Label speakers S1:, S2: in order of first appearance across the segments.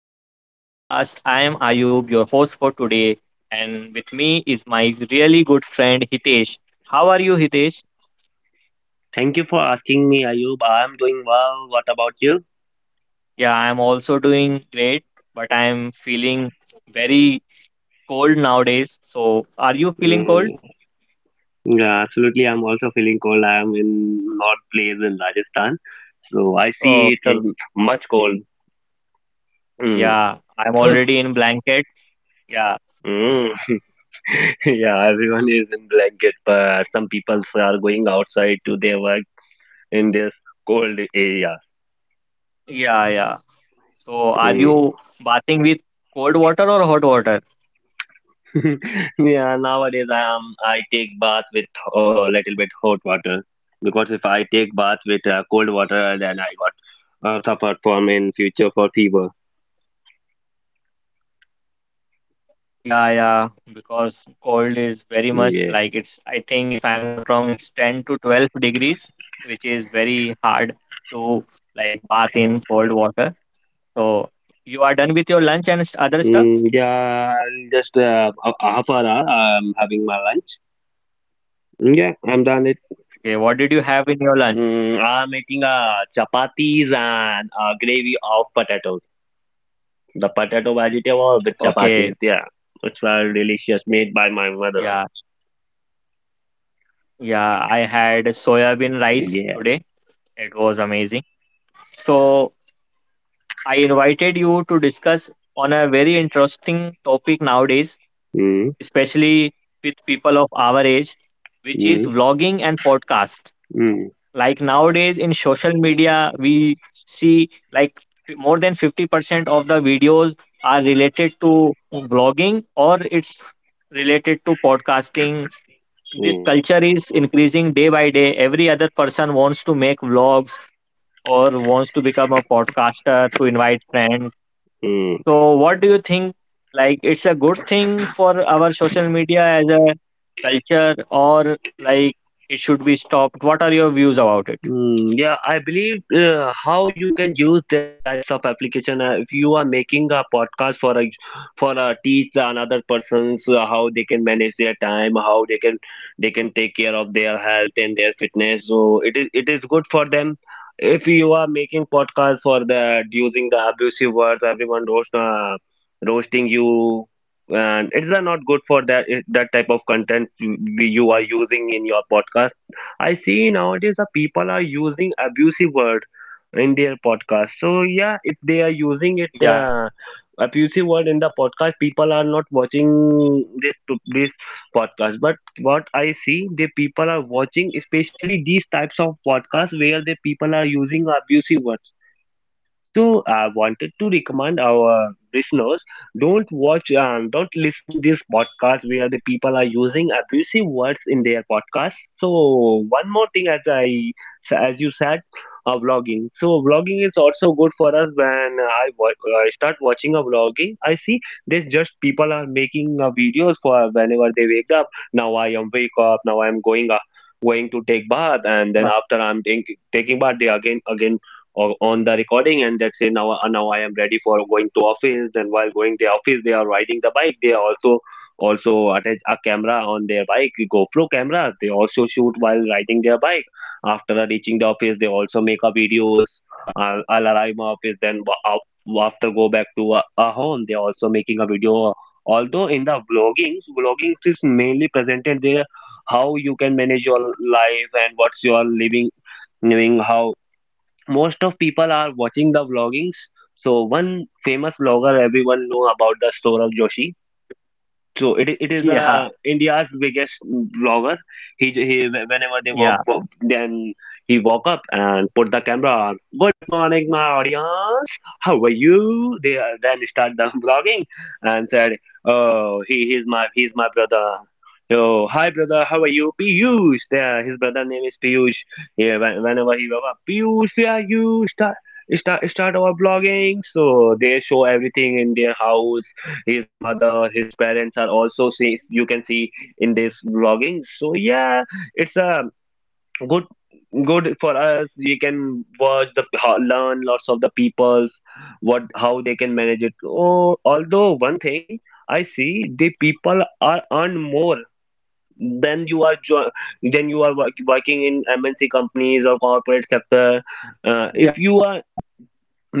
S1: back to our podcast. I am Ayub, your host for today, and with me is my really good friend Hitesh. How are you, Hitesh?
S2: Thank you for asking me, Ayub. I'm doing well. What about you?
S1: Yeah, I am also doing great, but I am feeling very cold nowadays. So, are you feeling cold?
S2: Mm, yeah, absolutely. I'm also feeling cold. I'm in north place in Rajasthan, so I see it's a
S1: Okay.
S2: much cold. Mm.
S1: Yeah, I'm
S2: So,
S1: already in blanket. Yeah,
S2: mm, yeah, everyone is in blanket, but some people are going outside to their work in this cold area.
S1: yeah, yeah. So, are
S2: Mm.
S1: you bathing with cold water or hot water?
S2: yeah, nowadays I take bath with a little bit hot water because if I take bath with cold water, then I got suffer from in future for fever.
S1: Yeah, yeah, because cold is very
S2: Mm,
S1: much
S2: yeah.
S1: like it's, I think if I'm not wrong, it's 10 to 12 degrees, which is very hard to like bath in cold water. So you are done with your lunch and other stuff?
S2: Yeah, I'll just a half an hour. I'm having my lunch. Mm, yeah, I'm done it.
S1: Okay, what did you have in your lunch?
S2: I'm eating chapatis and gravy of potatoes. The potato vegetable with chapatis.
S1: Okay,
S2: Yeah, it's very delicious, made by my mother.
S1: yeah, yeah, I had soybean rice
S2: Yeah.
S1: today. It was amazing. So I invited you to discuss on a very interesting topic nowadays,
S2: Mm,
S1: especially with people of our age, which is
S2: mm,
S1: vlogging and podcast.
S2: mm.
S1: Like nowadays in social media, we see like more than 50% of the videos are related to vlogging, or it's related to podcasting.
S2: Mm,
S1: This culture is increasing day by day. Every other person wants to make vlogs or wants to become a podcaster to invite friends,
S2: mm,
S1: so what do you think? Like, it's a good thing for our social media as a culture, or like, it should be stopped? What are your views about it?
S2: mm. Yeah, I believe how you can use these types of application if you are making a podcast for a teach another persons how they can manage their time, how they can take care of their health and their fitness. So it is good for them. If you are making podcast for the using the abusive words, everyone roast roasting you, and it's not good for that type of content you, you are using in your podcast. I see nowadays the people are using abusive word in their podcast. So yeah, if
S1: Yeah.
S2: they are using it abusive word in the podcast, people are not watching this podcast. But what I see, the people are watching, especially these types of podcasts where the people are using abusive word. So I wanted to recommend our listeners don't listen this podcast where the people are using abusive words in their podcast. So one more thing as you said vlogging. So vlogging is also good for us when I start watching a vlogging. I see there's just people are making videos for whenever they wake up. Now I am wake up. Now I am going
S1: Yeah.
S2: going to take bath and then after I'm taking bath, they again or on the recording, and let's say now I am ready for going to office. And while going to office they are riding the bike, they also attach a camera on their bike, GoPro cameras, they also shoot while riding their bike. After reaching the office they also make
S1: Yeah.
S2: a videos. I'll arrive my office then after go back to a home they also making a video, although in the vlogging, vlogging is mainly presented there how you can manage your life and what's your living how most of people are watching the vloggings. So one famous vlogger everyone know about the Saurabh Joshi. So it is
S1: Yeah.
S2: India's biggest vlogger. He j- he wh- Whenever they walk
S1: Yeah.
S2: then he walk up and put the camera on. Good morning, my audience. How are you? They then start the vlogging and said, "Oh, he's my brother." Oh, hi brother, how are you? Piyush. There, his brother name is Piyush. Yeah, whenever he walk up, Piyush, where are you? Start our vlogging. So they show everything in their house, his mother, his parents are also see you can see in this vlogging. So yeah, it's a good good for us. We can watch the learn lots of the people's what how they can manage it. Oh, although one thing I see the people are earn more than you are working in MNC companies or corporate sector.
S1: Yeah.
S2: If you are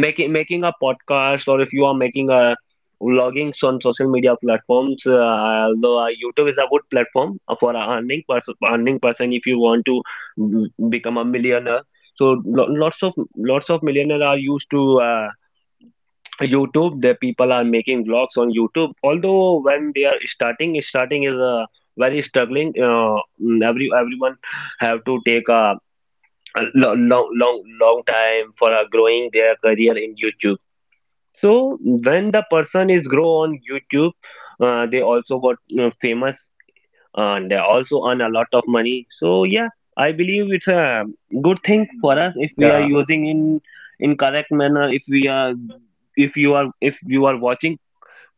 S2: making a podcast, or if you are making a vlogging on social media platforms, although youtube is a good platform for a earning person if you want to mm, become a millionaire. So lots of millionaires are used to youtube, the people are making vlogs on youtube. Although when they are starting, starting is a very struggling, every everyone have to take a long time for growing their career in youtube. So when the person is grow on YouTube, they also got famous and they also earn a lot of money. So yeah, I believe it's a good
S1: Yeah.
S2: thing for us if we are using in correct manner. If we are if you are watching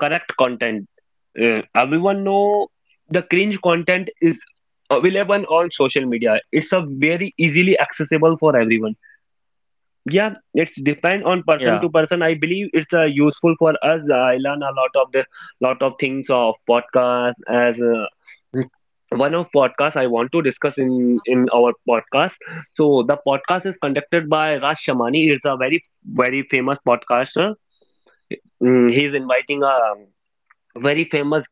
S2: correct content, everyone know the cringe content is available on social media. It's a very easily accessible for everyone. Yeah, it's depend on
S1: Yeah.
S2: person to person. I believe it's useful for us. I learn a lot of the lot of things of podcast as uh, one of podcast I want to discuss in our podcast. So the podcast is conducted by Raj Shamani. It's a very very famous podcaster. Mm, he's inviting a
S1: Yeah.
S2: very famous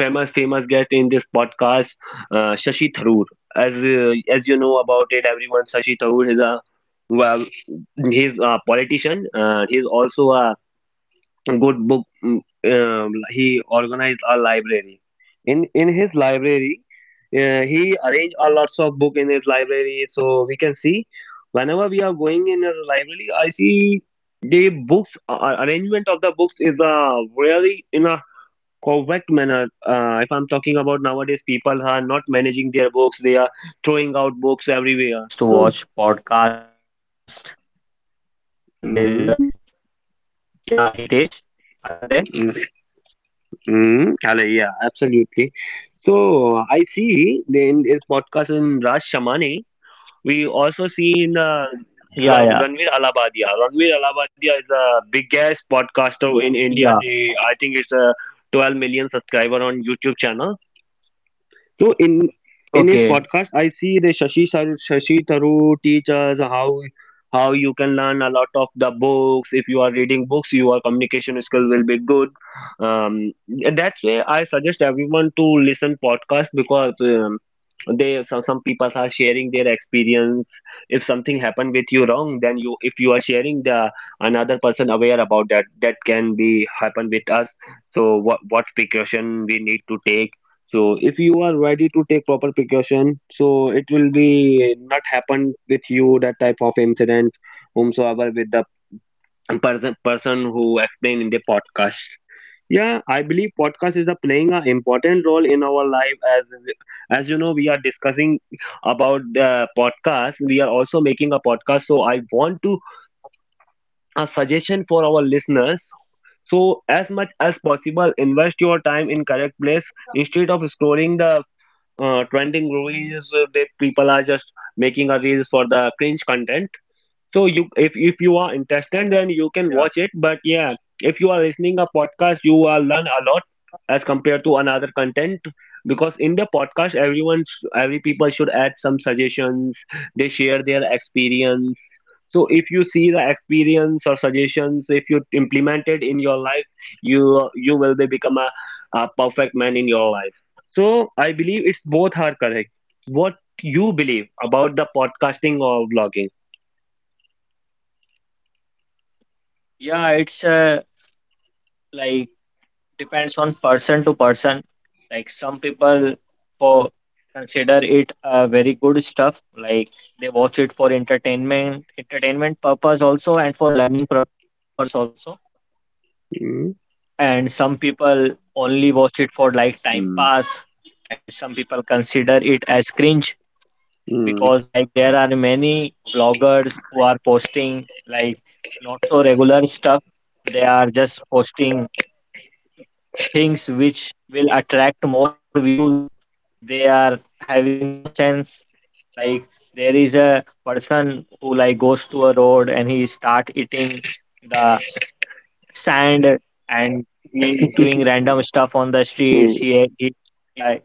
S2: famous famous guest in this podcast, Shashi Tharoor. As you know about it, everyone, Shashi
S1: Okay.
S2: Tharoor is a, well, he's a politician. He's also a good book. He organized a library. In his library, he arranged a lots of book in his
S1: I
S2: library.
S1: think we
S2: So
S1: are
S2: we can see
S1: having a
S2: whenever we
S1: connection
S2: are going
S1: problem,
S2: in a library, I see
S1: but no
S2: the
S1: worries, we
S2: books
S1: will continue.
S2: arrangement of the books is a really in a correct manner. If I'm talking about nowadays,
S1: So
S2: people are
S1: as
S2: not
S1: Hitesh
S2: managing their
S1: was
S2: books; they are
S1: saying
S2: throwing out
S1: that
S2: books
S1: he
S2: everywhere.
S1: loves to watch podcast, and there is a,
S2: Mm,
S1: yeah, Hitesh, are you there?
S2: mm, hello, yeah, absolutely. So I see in this podcast in Raj Shamani, we also see in
S1: Yeah, yeah.
S2: Ranveer Alabadia. Ranveer Alabadia is the biggest podcaster in India.
S1: Yeah,
S2: He- I think it's a 12 million subscriber on YouTube channel. So in his
S1: okay.
S2: podcast, I see the Shashi Tharoor teaches how you can learn a lot of the books. If you are reading books, your communication skill will be good. Um, that's why I suggest everyone to listen podcast because. They some people are sharing their experience. If something happened with you wrong then you if you are sharing the another person aware about that that can be happen with us. So what precaution we need to take? So if you are ready to take proper precaution, so it will be not happen with you that type of incident whomsoever with the person who explained in the podcast. Yeah, I believe podcast is a playing an important role in our life as you know we are discussing about the podcast. We are also making a podcast, so I want to a suggestion for our listeners. So as much as possible, invest your time in correct place instead of scrolling the trending reels. They people are just making a reels for the cringe content, so you if you are interested then you can
S1: Yeah.
S2: watch it. But yeah, if you are listening a podcast you will learn a lot as compared to another content, because in the podcast everyone every people should add some suggestions, they share their experience. So if you see the experience or suggestions, if you implement it in your life you you will be become a perfect man in your life. So I believe it's both are correct. What you believe about the podcasting or vlogging?
S1: Yeah, it's like depends on person to person. Like some people for consider it a very good stuff. Like they watch it for entertainment purpose also and for learning purpose also.
S2: Hmm?
S1: And some people only watch it for like time
S2: Mm,
S1: pass, and some people consider it as cringe,
S2: mm,
S1: because like there are many vloggers who are posting like not so regular stuff. They are just posting things which will attract more views. They are having no sense. Like there is a person who like goes to a road, and he start eating the sand, and he is doing random stuff on the streets.
S2: mm,
S1: He Yeah,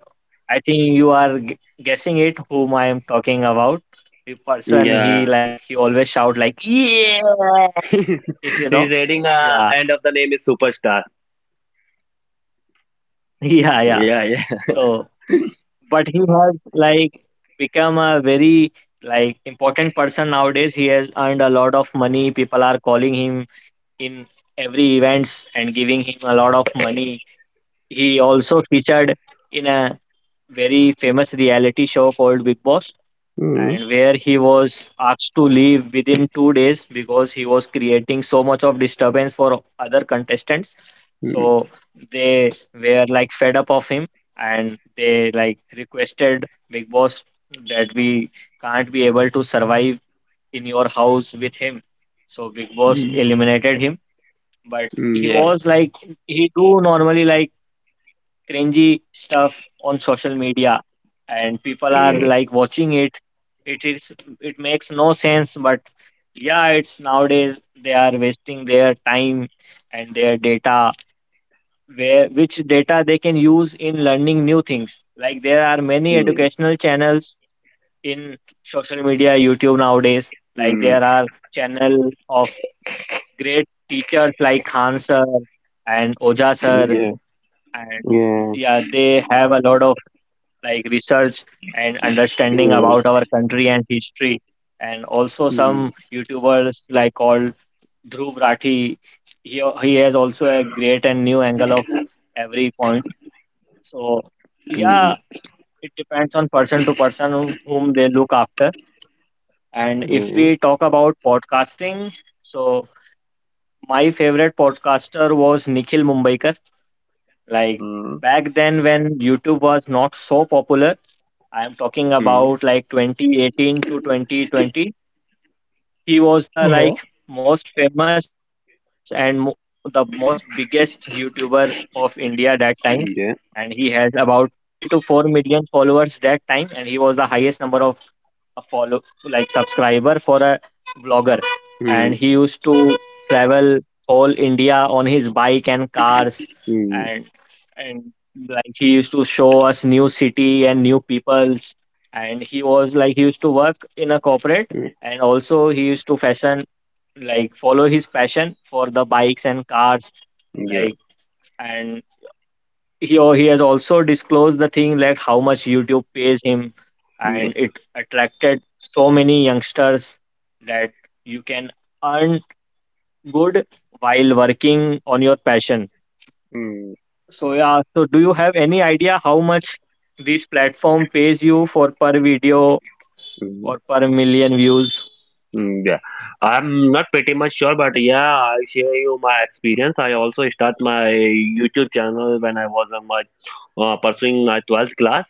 S1: I think you are guessing it whom I am talking about. The person he
S2: yeah.
S1: like he always shout like, yeah, if you know.
S2: He's adding
S1: Yeah.
S2: end of the name is superstar.
S1: Yeah, yeah.
S2: Yeah, yeah.
S1: So but he has like become a very like important person nowadays. He has earned a lot of money. People are calling him in every events and giving him a lot of money. He also featured in a very famous reality show called Big Boss,
S2: Mm,
S1: and where he was asked to leave within 2 days because he was creating so much of disturbance for other contestants.
S2: mm,
S1: So they were like fed up of him, and they like requested Big Boss that we can't be able to survive in your house with him. So Big Boss
S2: mm,
S1: eliminated him. But he
S2: yeah.
S1: was like he do normally like cringy stuff on social media, and people are
S2: Yeah.
S1: like watching it. It is it makes no sense, but yeah, it's nowadays they are wasting their time and their data, where which data they can use in learning new things, like there are many
S2: Mm,
S1: educational channels in social media, YouTube nowadays, like
S2: mm,
S1: there are channel of great teachers like Khan Sir and Oja Sir,
S2: yeah.
S1: and
S2: Yeah.
S1: yeah, they have a lot of like research and understanding
S2: Mm,
S1: about our country and history. And also
S2: mm,
S1: some YouTubers like called Dhruv Rathi. He has also a great and new angle of every point. So yeah,
S2: mm,
S1: it depends on person to person, whom they look after. And if
S2: mm,
S1: we talk about podcasting, so my favorite podcaster was Nikhil Mumbaikar. Like
S2: mm,
S1: back then when YouTube was not so popular, I am talking
S2: mm.
S1: about like 2018 to 2020. He was the
S2: Yeah.
S1: like most famous, and mo the most biggest YouTuber of India that time. And he has
S2: Yeah.
S1: about 3 to 4 million followers that time. And he was the highest number of a follow like subscriber for a vlogger, and he used
S2: Mm.
S1: to travel whole India on his bike and cars, and
S2: Mm.
S1: and like he used to show us new city and new peoples. And he was like he used to work in a corporate,
S2: Mm.
S1: and also he used to fashion, like follow his passion for the bikes and cars,
S2: Yeah.
S1: like, and he has also disclosed the thing like how much YouTube pays him,
S2: Yeah.
S1: and it attracted so many youngsters that you can earn good while working on your passion.
S2: Mm.
S1: So yeah, so do you have any idea how much this platform pays you for per video
S2: Mm.
S1: or per million views?
S2: Mm, yeah, I'm not pretty much sure, but yeah, I'll share you my experience. I also start my YouTube channel when I was on my pursuing my 12th class.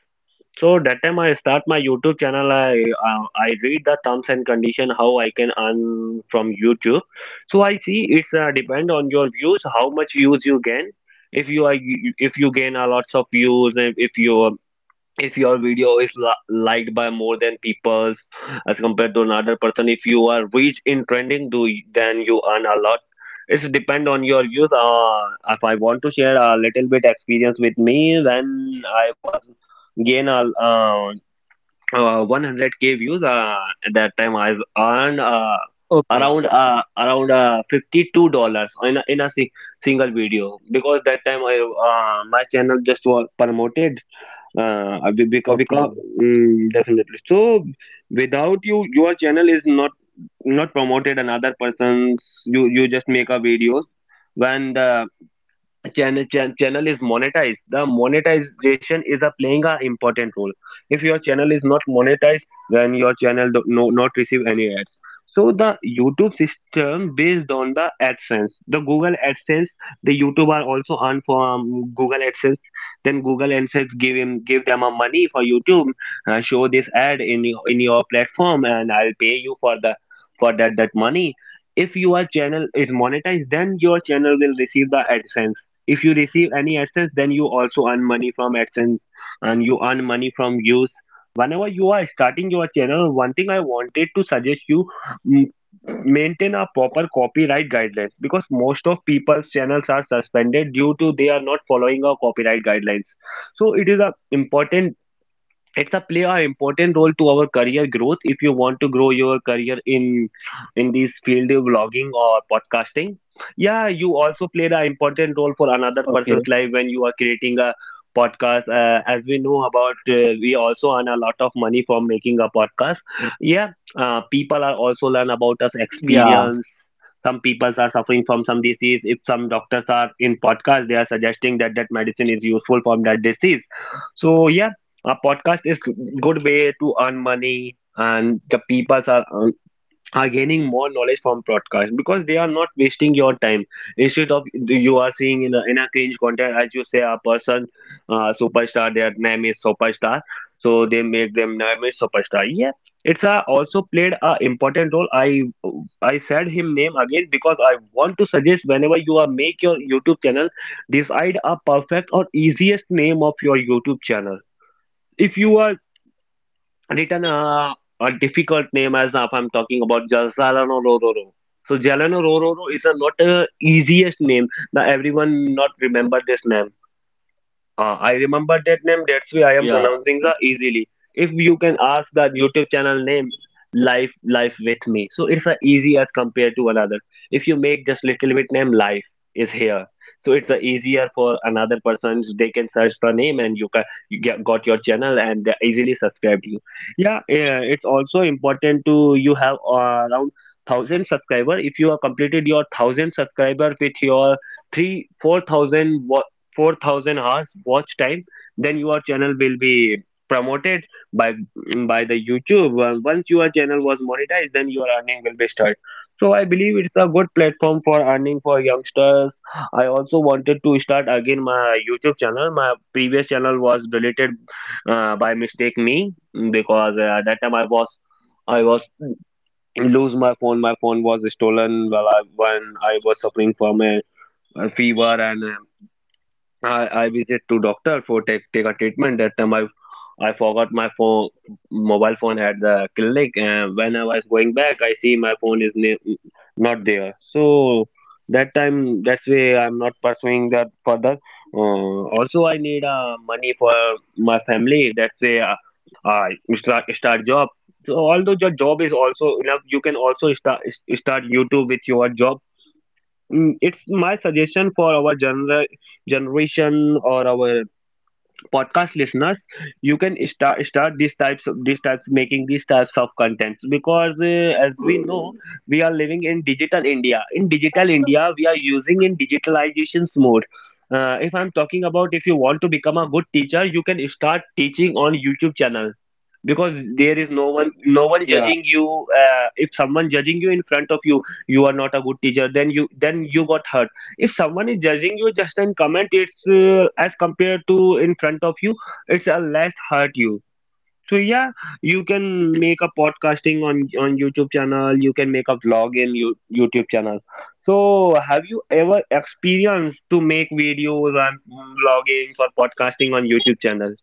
S2: So that time I start my YouTube channel. I read the terms and condition how I can earn from YouTube. So I see it's depend on your views how much views you gain. If you are if you gain a lots of views, and if your video is liked by more than people as compared to another person, if you are rich in trending, then you earn a lot. It's depend on your views. If I want to share a little bit experience with me, when I was gain a 100k views at that time I earned around
S1: Okay,
S2: $52 in a single video, because that time I my channel just was promoted because
S1: okay,
S2: definitely. So without you, your channel is not promoted. Another person's, you just make a videos. When the channel, channel is monetized, the monetization is a playing a important role. If your channel is not monetized, then your channel do not receive any ads. So the YouTube system based on the AdSense, the Google AdSense. The YouTube are also earn from Google AdSense. Then Google AdSense give them a money for YouTube. Show this ad in your platform and I'll pay you for the for that money. If your channel is monetized, then your channel will receive the AdSense. If you receive any AdSense, then you also earn money from AdSense and you earn money from views. Whenever you are starting your channel, one thing I wanted to suggest you, mm, maintain a proper copyright guidelines, because most of people's channels are suspended due to they are not following our copyright guidelines. So it is a important, it's a play a important role to our career growth, if you want to grow your career in this field of blogging or podcasting. Yeah, you also played an important
S1: okay.
S2: role for another person's life when you are creating a podcast. As we know about, we also earn a lot of money from making a podcast. Yeah, people are also learn
S1: Yeah.
S2: about us experience. Some people are suffering from some disease. If some doctors are in podcast, they are suggesting that that medicine is useful for that disease. So yeah, a podcast is good way to earn money, and the people are gaining more knowledge from podcast because they are not wasting your time, instead of you are seeing in a cringe content. As you say a person, superstar, their name is superstar. So they make them name is superstar. Yeah, it's also played a important role. I said him name again because I want to suggest, whenever you are make your YouTube channel, decide a perfect or easiest name of your YouTube channel. If you are written a difficult name, as if I'm talking about Jalsalano Rororo. So Jalano Rororo is a not a easiest name. Now everyone not remember this name. I remember that name.
S1: Yeah,
S2: That's why I am pronouncing the easily. If you can ask the YouTube channel name, life with me. So it's a easy as compared to another. If you make just little bit name, life is here. So it's a easier for another person. They can search the name, and you can you got your channel, and they easily subscribe you. Yeah, yeah, it's also important to you have around thousand subscriber. If you have completed your thousand subscriber with your three four thousand 4,000 hours watch time, then your channel will be promoted by by the YouTube. Once your channel was monetized, then your earning will be started. So I believe it's a good platform for earning for youngsters. I also wanted to start again my YouTube channel. My previous channel was deleted by mistake me, because at that time I was lose my phone. My phone was stolen while when I was suffering from a fever, and I visit to doctor for take a treatment. That time I forgot my phone mobile phone at the clinic, and when I was going back, I see my phone is not there. So that time, that's why I'm not pursuing that further. Also, I need money for my family. That's why I start job. So although your job is also enough, you can also start YouTube with your job. It's my suggestion for our generation or our podcast listeners. You can start these types of these types making these types of contents, because as we know, we are living in digital India. In digital India we are using in digitalizations mode. If I'm talking about, if you want to become a good teacher, you can start teaching on YouTube channel, because there is no one
S1: yeah.
S2: judging you. If someone judging you in front of you, you are not a good teacher, then you got hurt. If someone is judging you just in comment, it's as compared to in front of you, it's a less hurt you. So yeah, you can make a podcasting on YouTube channel. You can make a vlog in YouTube channel. So have you ever experienced to make videos and vlogging or podcasting on YouTube channel?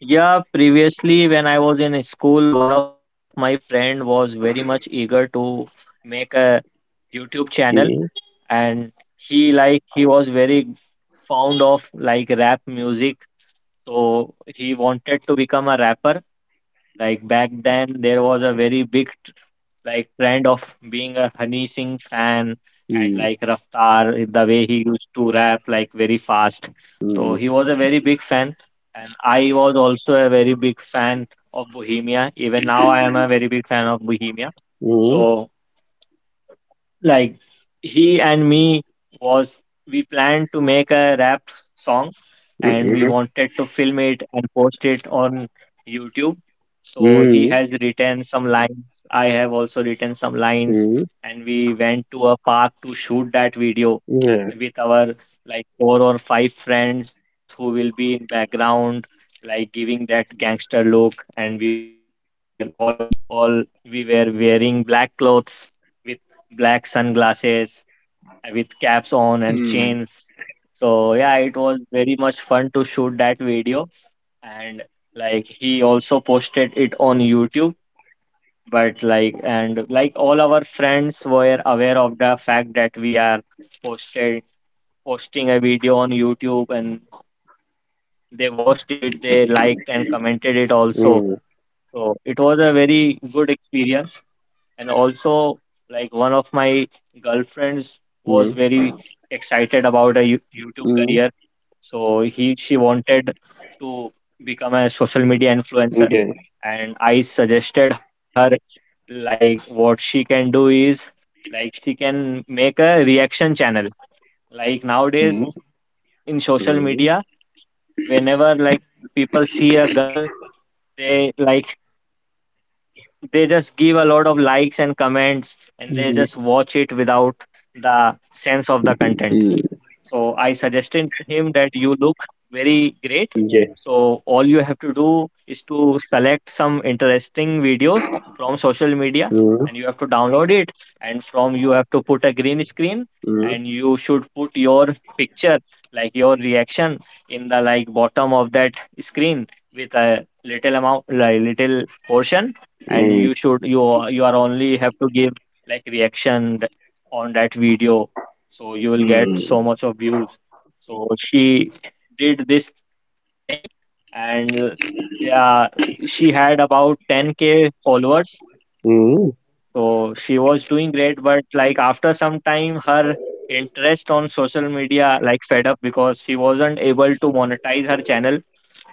S1: Yeah, previously when I was in school, one of my friend was very much eager to make a YouTube channel,
S2: Mm,
S1: and he like he was very fond of like rap music. So he wanted to become a rapper. Like back then there was a very big like trend of being a Honey Singh fan, and
S2: mm,
S1: like Raftar, the way he used to rap like very fast. So
S2: mm,
S1: he was a very big fan, and I was also a very big fan of Bohemia. Even now, I am a very big fan of Bohemia.
S2: mm.
S1: So like he and me was we planned to make a rap song, and we
S2: Mm-mm.
S1: wanted to film it and post it on YouTube. So he
S2: Mm.
S1: has written some lines, I have also written some lines,
S2: Mm.
S1: and we went to a park to shoot that video
S2: Yeah.
S1: with our like four or five friends who will be in background, like giving that gangster look. And we were all, we were wearing black clothes with black sunglasses with caps on and
S2: Mm.
S1: chains. So yeah, it was very much fun to shoot that video. And like he also posted it on YouTube. But like, and like all our friends were aware of the fact that we are posted posting a video on YouTube, and they watched it, they liked and commented it also.
S2: Mm.
S1: So it was a very good experience. And also, like one of my girlfriends was
S2: Mm.
S1: very excited about a YouTube
S2: Mm.
S1: career. So he she wanted to become a social media
S2: Yeah.
S1: influencer, and I suggested her like what she can do is like she can make a reaction channel. Like nowadays
S2: Mm.
S1: in social
S2: Mm.
S1: media, whenever like people see a girl, they like they just give a lot of likes and comments, and they just watch it without the sense of the
S2: Mm.
S1: content.
S2: Mm. Yeah.
S1: So I suggested him that you look very great.
S2: Mm. Mm.
S1: So all you have to do is to select some interesting videos from social media, and you have to download it, and from, you have to put a green screen,
S2: Mm.
S1: and you should put your picture, like your reaction, in the like bottom of that screen with a little amount, like little portion, and
S2: Mm.
S1: you should you are only have to give like reaction on that video, so you will get so much of views. So she did this thing, and yeah, she had about 10K followers.
S2: Mm.
S1: So she was doing great, but like after some time her interest on social media like fed up, because she wasn't able to monetize her channel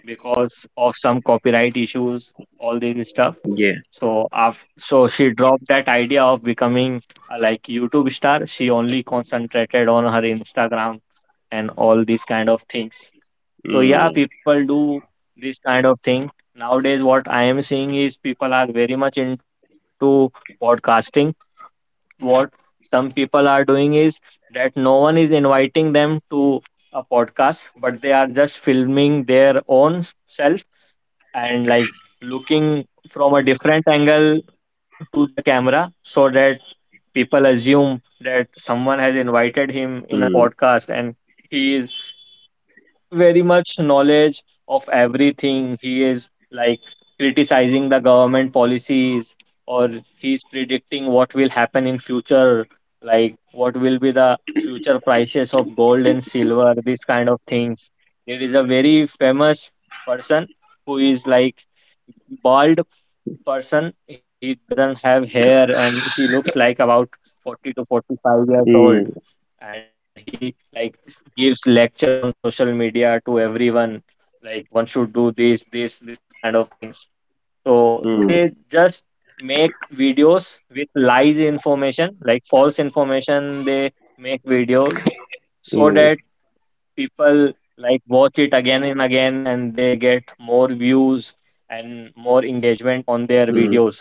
S1: because of some copyright issues, all this stuff.
S2: Yeah.
S1: So she dropped that idea of becoming a, like, YouTube star. She only concentrated on her Instagram and all these kind of things.
S2: Mm.
S1: So yeah, people do this kind of thing. Nowadays, what I am seeing is people are very much into podcasting. What some people are doing is that no one is inviting them to a podcast, but they are just filming their own self and like looking from a different angle to the camera, so that people assume that someone has invited him in a
S2: Mm.
S1: podcast, and he is very much knowledge of everything. He is like criticizing the government policies, or he's predicting what will happen in future, like what will be the future prices of gold and silver, these kind of things. There is a very famous person who is like bald person. He doesn't have hair, and he looks like about 40 to 45 years
S2: Mm.
S1: old. And he like gives lecture on social media to everyone. Like, one should do this, this, this kind of things. So they just make videos with lies information, like false information. They make videos so
S2: Mm.
S1: that people like watch it again and again, and they get more views and more engagement on their
S2: Mm.
S1: videos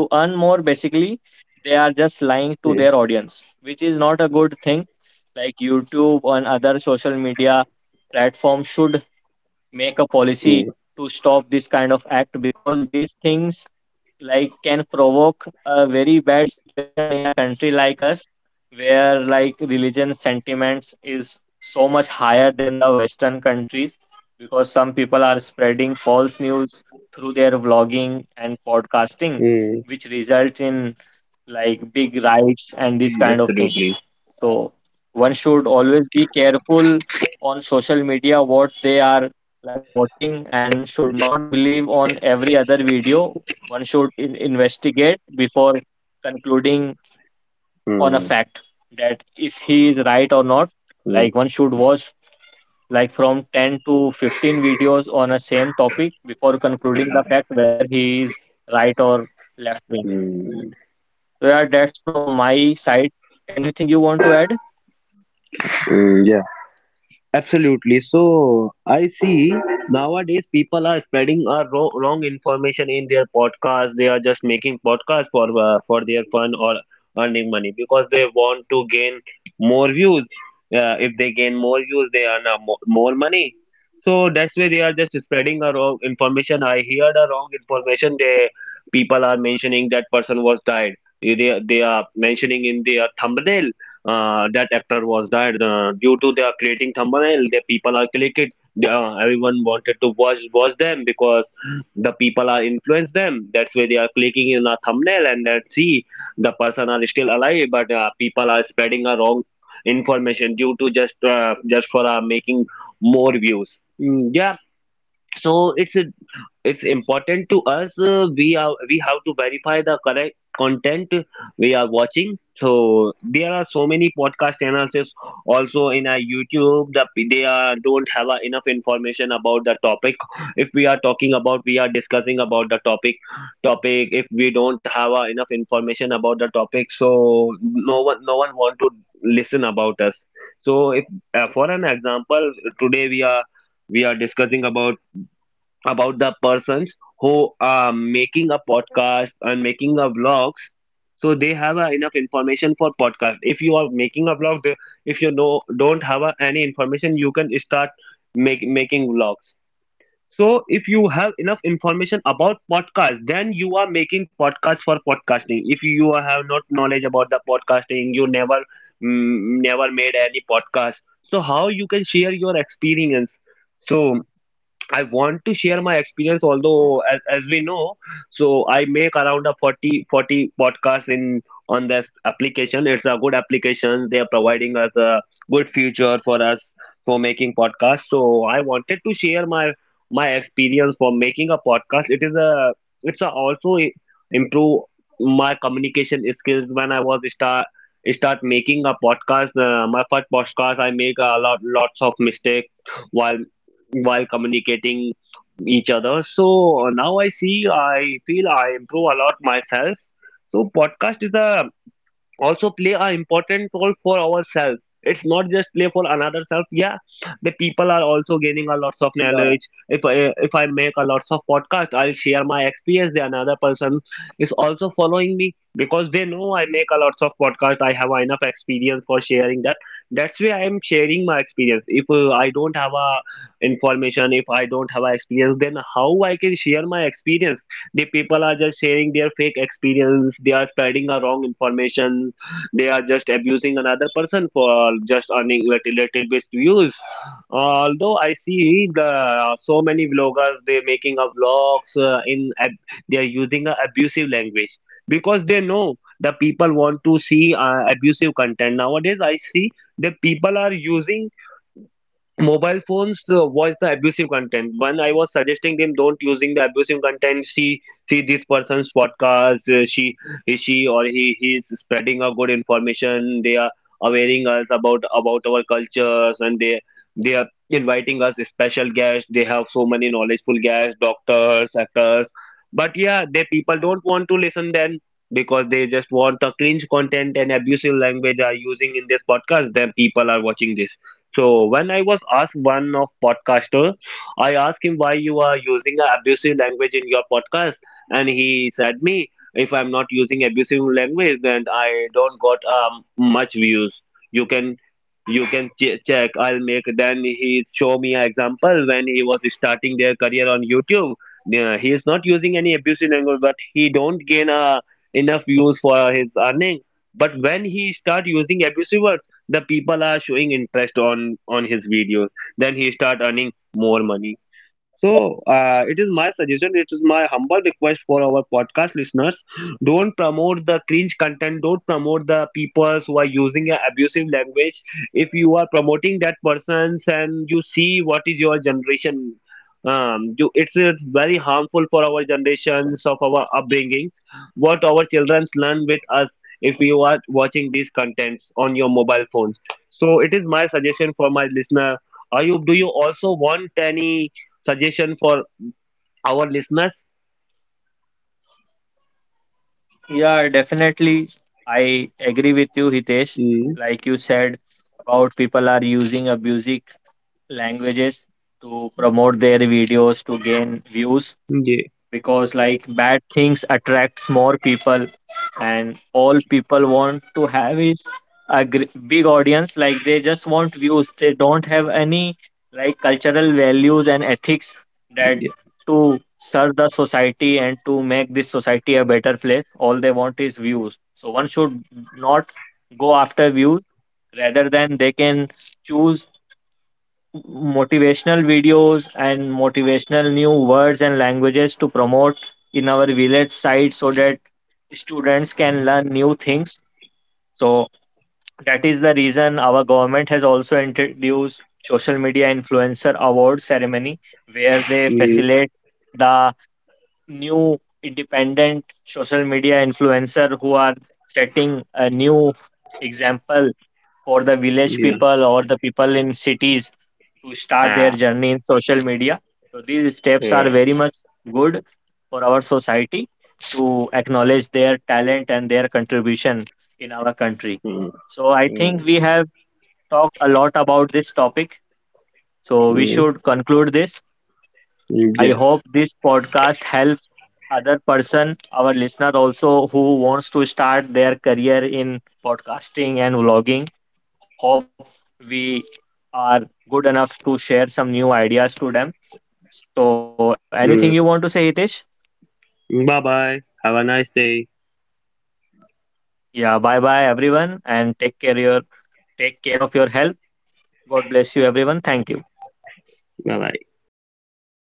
S1: to earn more, basically. They are just lying to
S2: Mm.
S1: their audience, which is not a good thing. Like, YouTube and other social media platforms should make a
S2: Mm.
S1: policy to stop this kind of act, because these things like can provoke a very bad situation in a country like us where like religion sentiments is so much higher than the western countries, because some people are spreading false news through their vlogging and podcasting,
S2: Mm.
S1: which result in like big riots and these
S2: Mm.
S1: kind of things.
S2: Absolutely.
S1: So one should always be careful on social media what they are like watching, and should not believe on every other video. One should investigate before concluding on a
S2: Mm.
S1: fact that if he is right or not.
S2: Mm.
S1: Like, one should watch like from 10 to 15 videos on a same topic before concluding the fact whether he is right or left wing.
S2: Mm.
S1: So yeah, that's from my side. Anything you want to add?
S2: Mm. Yeah. Absolutely. So I see nowadays people are spreading a wrong information in their podcast. They are just making podcasts for their fun or earning money, because they want to gain more views. If they gain more views, they earn more money. So that's why they are just spreading a wrong information. I heard a wrong information. They people are mentioning that person was died. They are mentioning in their thumbnail that actor was died due to their creating thumbnail. The people are clicked. They, everyone wanted to watch them, because the people are influence them. That's why they are clicking in a thumbnail, and that see the person are still alive, but people are spreading a wrong information due to just for making more views. Mm, yeah, so it's important to us, we are we have to verify the correct content we are watching. So there are so many podcast analysis also in our YouTube. The they are don't have enough information about the topic. If we are talking about, we are discussing about the topic, if we don't have enough information about the topic, so no one want to listen about us. So if for an example, today we are discussing about the persons who are making a podcast and making a vlogs. So they have enough information for podcast. If you are making a vlog, if you know don't have any information, you can start making vlogs. So if you have enough information about podcast, then you are making podcast for podcasting. If you have not knowledge about the podcasting, you never never made any podcast. So how you can share your experience? So I want to share my experience, although as we know, so I make around a forty forty 40 podcasts in on this application. It's a good application. They are providing us a good future for us for making podcasts. So I wanted to share my my experience for making a podcast. It is a also improve my communication skills when I was start making a podcast. My first podcast, I make a lots of mistakes while communicating each other. So now I see, I feel I improve a lot myself. So podcast is a also play an important role for ourselves. It's not just play for another self. Yeah, the people are also gaining a lots of knowledge.
S1: Yeah,
S2: If I make a lots of podcast, I'll share my experience. The another person is also following me, because they know I make a lots of podcast, I have enough experience for sharing that. That's why I'm sharing my experience. If I don't have a information, if I don't have a experience, then how I can share my experience? The people are just sharing their fake experience. They are spreading a wrong information. They are just abusing another person for just earning little bit views. Although I see the so many vloggers, they making a vlogs they are using a abusive language, because they know the people want to see abusive content. Nowadays I see the people are using mobile phones watch the abusive content. One I was suggesting them, don't using the abusive content. See this person's podcast. She or he is spreading a good information. They are awaiting us about our cultures, and they are inviting us special guests. They have so many knowledgeful guests, doctors, actors. But yeah, they people don't want to listen then, because they just want a cringe content and abusive language are using in this podcast, then people are watching this. So when I was asked one of podcaster, I asked him, why you are using a abusive language in your podcast? And he said me, if I'm not using abusive language, then I don't got much views. You can check. I'll make. Then he show me an example when he was starting their career on YouTube. Yeah, he is not using any abusive language, but he don't gain enough views for his earning. But when he start using abusive words, the people are showing interest on his videos, then he start earning more money. So it is my suggestion, it is my humble request for our podcast listeners, don't promote the cringe content, don't promote the people who are using a abusive language. If you are promoting that persons, and you see what is your generation, you, it's very harmful for our generations of our upbringings, what our children learn with us, if you are watching these contents on your mobile phones. So it is my suggestion for my listener. Ayub, do you also want any suggestion for our listeners?
S1: yeah, definitely. I agree with you, Hitesh.
S2: Mm,
S1: Like, you said about people are using abusing languages to promote their videos to gain views,
S2: yeah,
S1: because like bad things attracts more people, and all people want to have is a big audience. Like, they just want views, they don't have any like cultural values and ethics that
S2: yeah,
S1: to serve the society and to make this society a better place. All they want is views, so one should not go after views, rather than they can choose motivational videos and motivational new words and languages to promote in our village site, so that students can learn new things. So that is the reason our government has also introduced social media influencer award ceremony, where they
S2: mm,
S1: facilitate the new independent social media influencer who are setting a new example for the village
S2: yeah.
S1: people or the people in cities to start their
S2: Ah,
S1: journey in social media. So these steps are
S2: yeah.
S1: very much good for our society to acknowledge their talent and their contribution in our country.
S2: Mm,
S1: So I
S2: mm,
S1: think we have talked a lot about this topic. So we should conclude this.
S2: mm,
S1: I
S2: yeah.
S1: hope this podcast helps other person, our listener also who wants to start their career in podcasting and vlogging. Hope we are good enough to share some new ideas to them, so anything you want to say,
S2: Mm.
S1: Hitesh?
S2: Bye bye. Have a nice day.
S1: Yeah, bye bye everyone, and take care of your health. God bless you everyone. Thank you.
S2: Bye bye.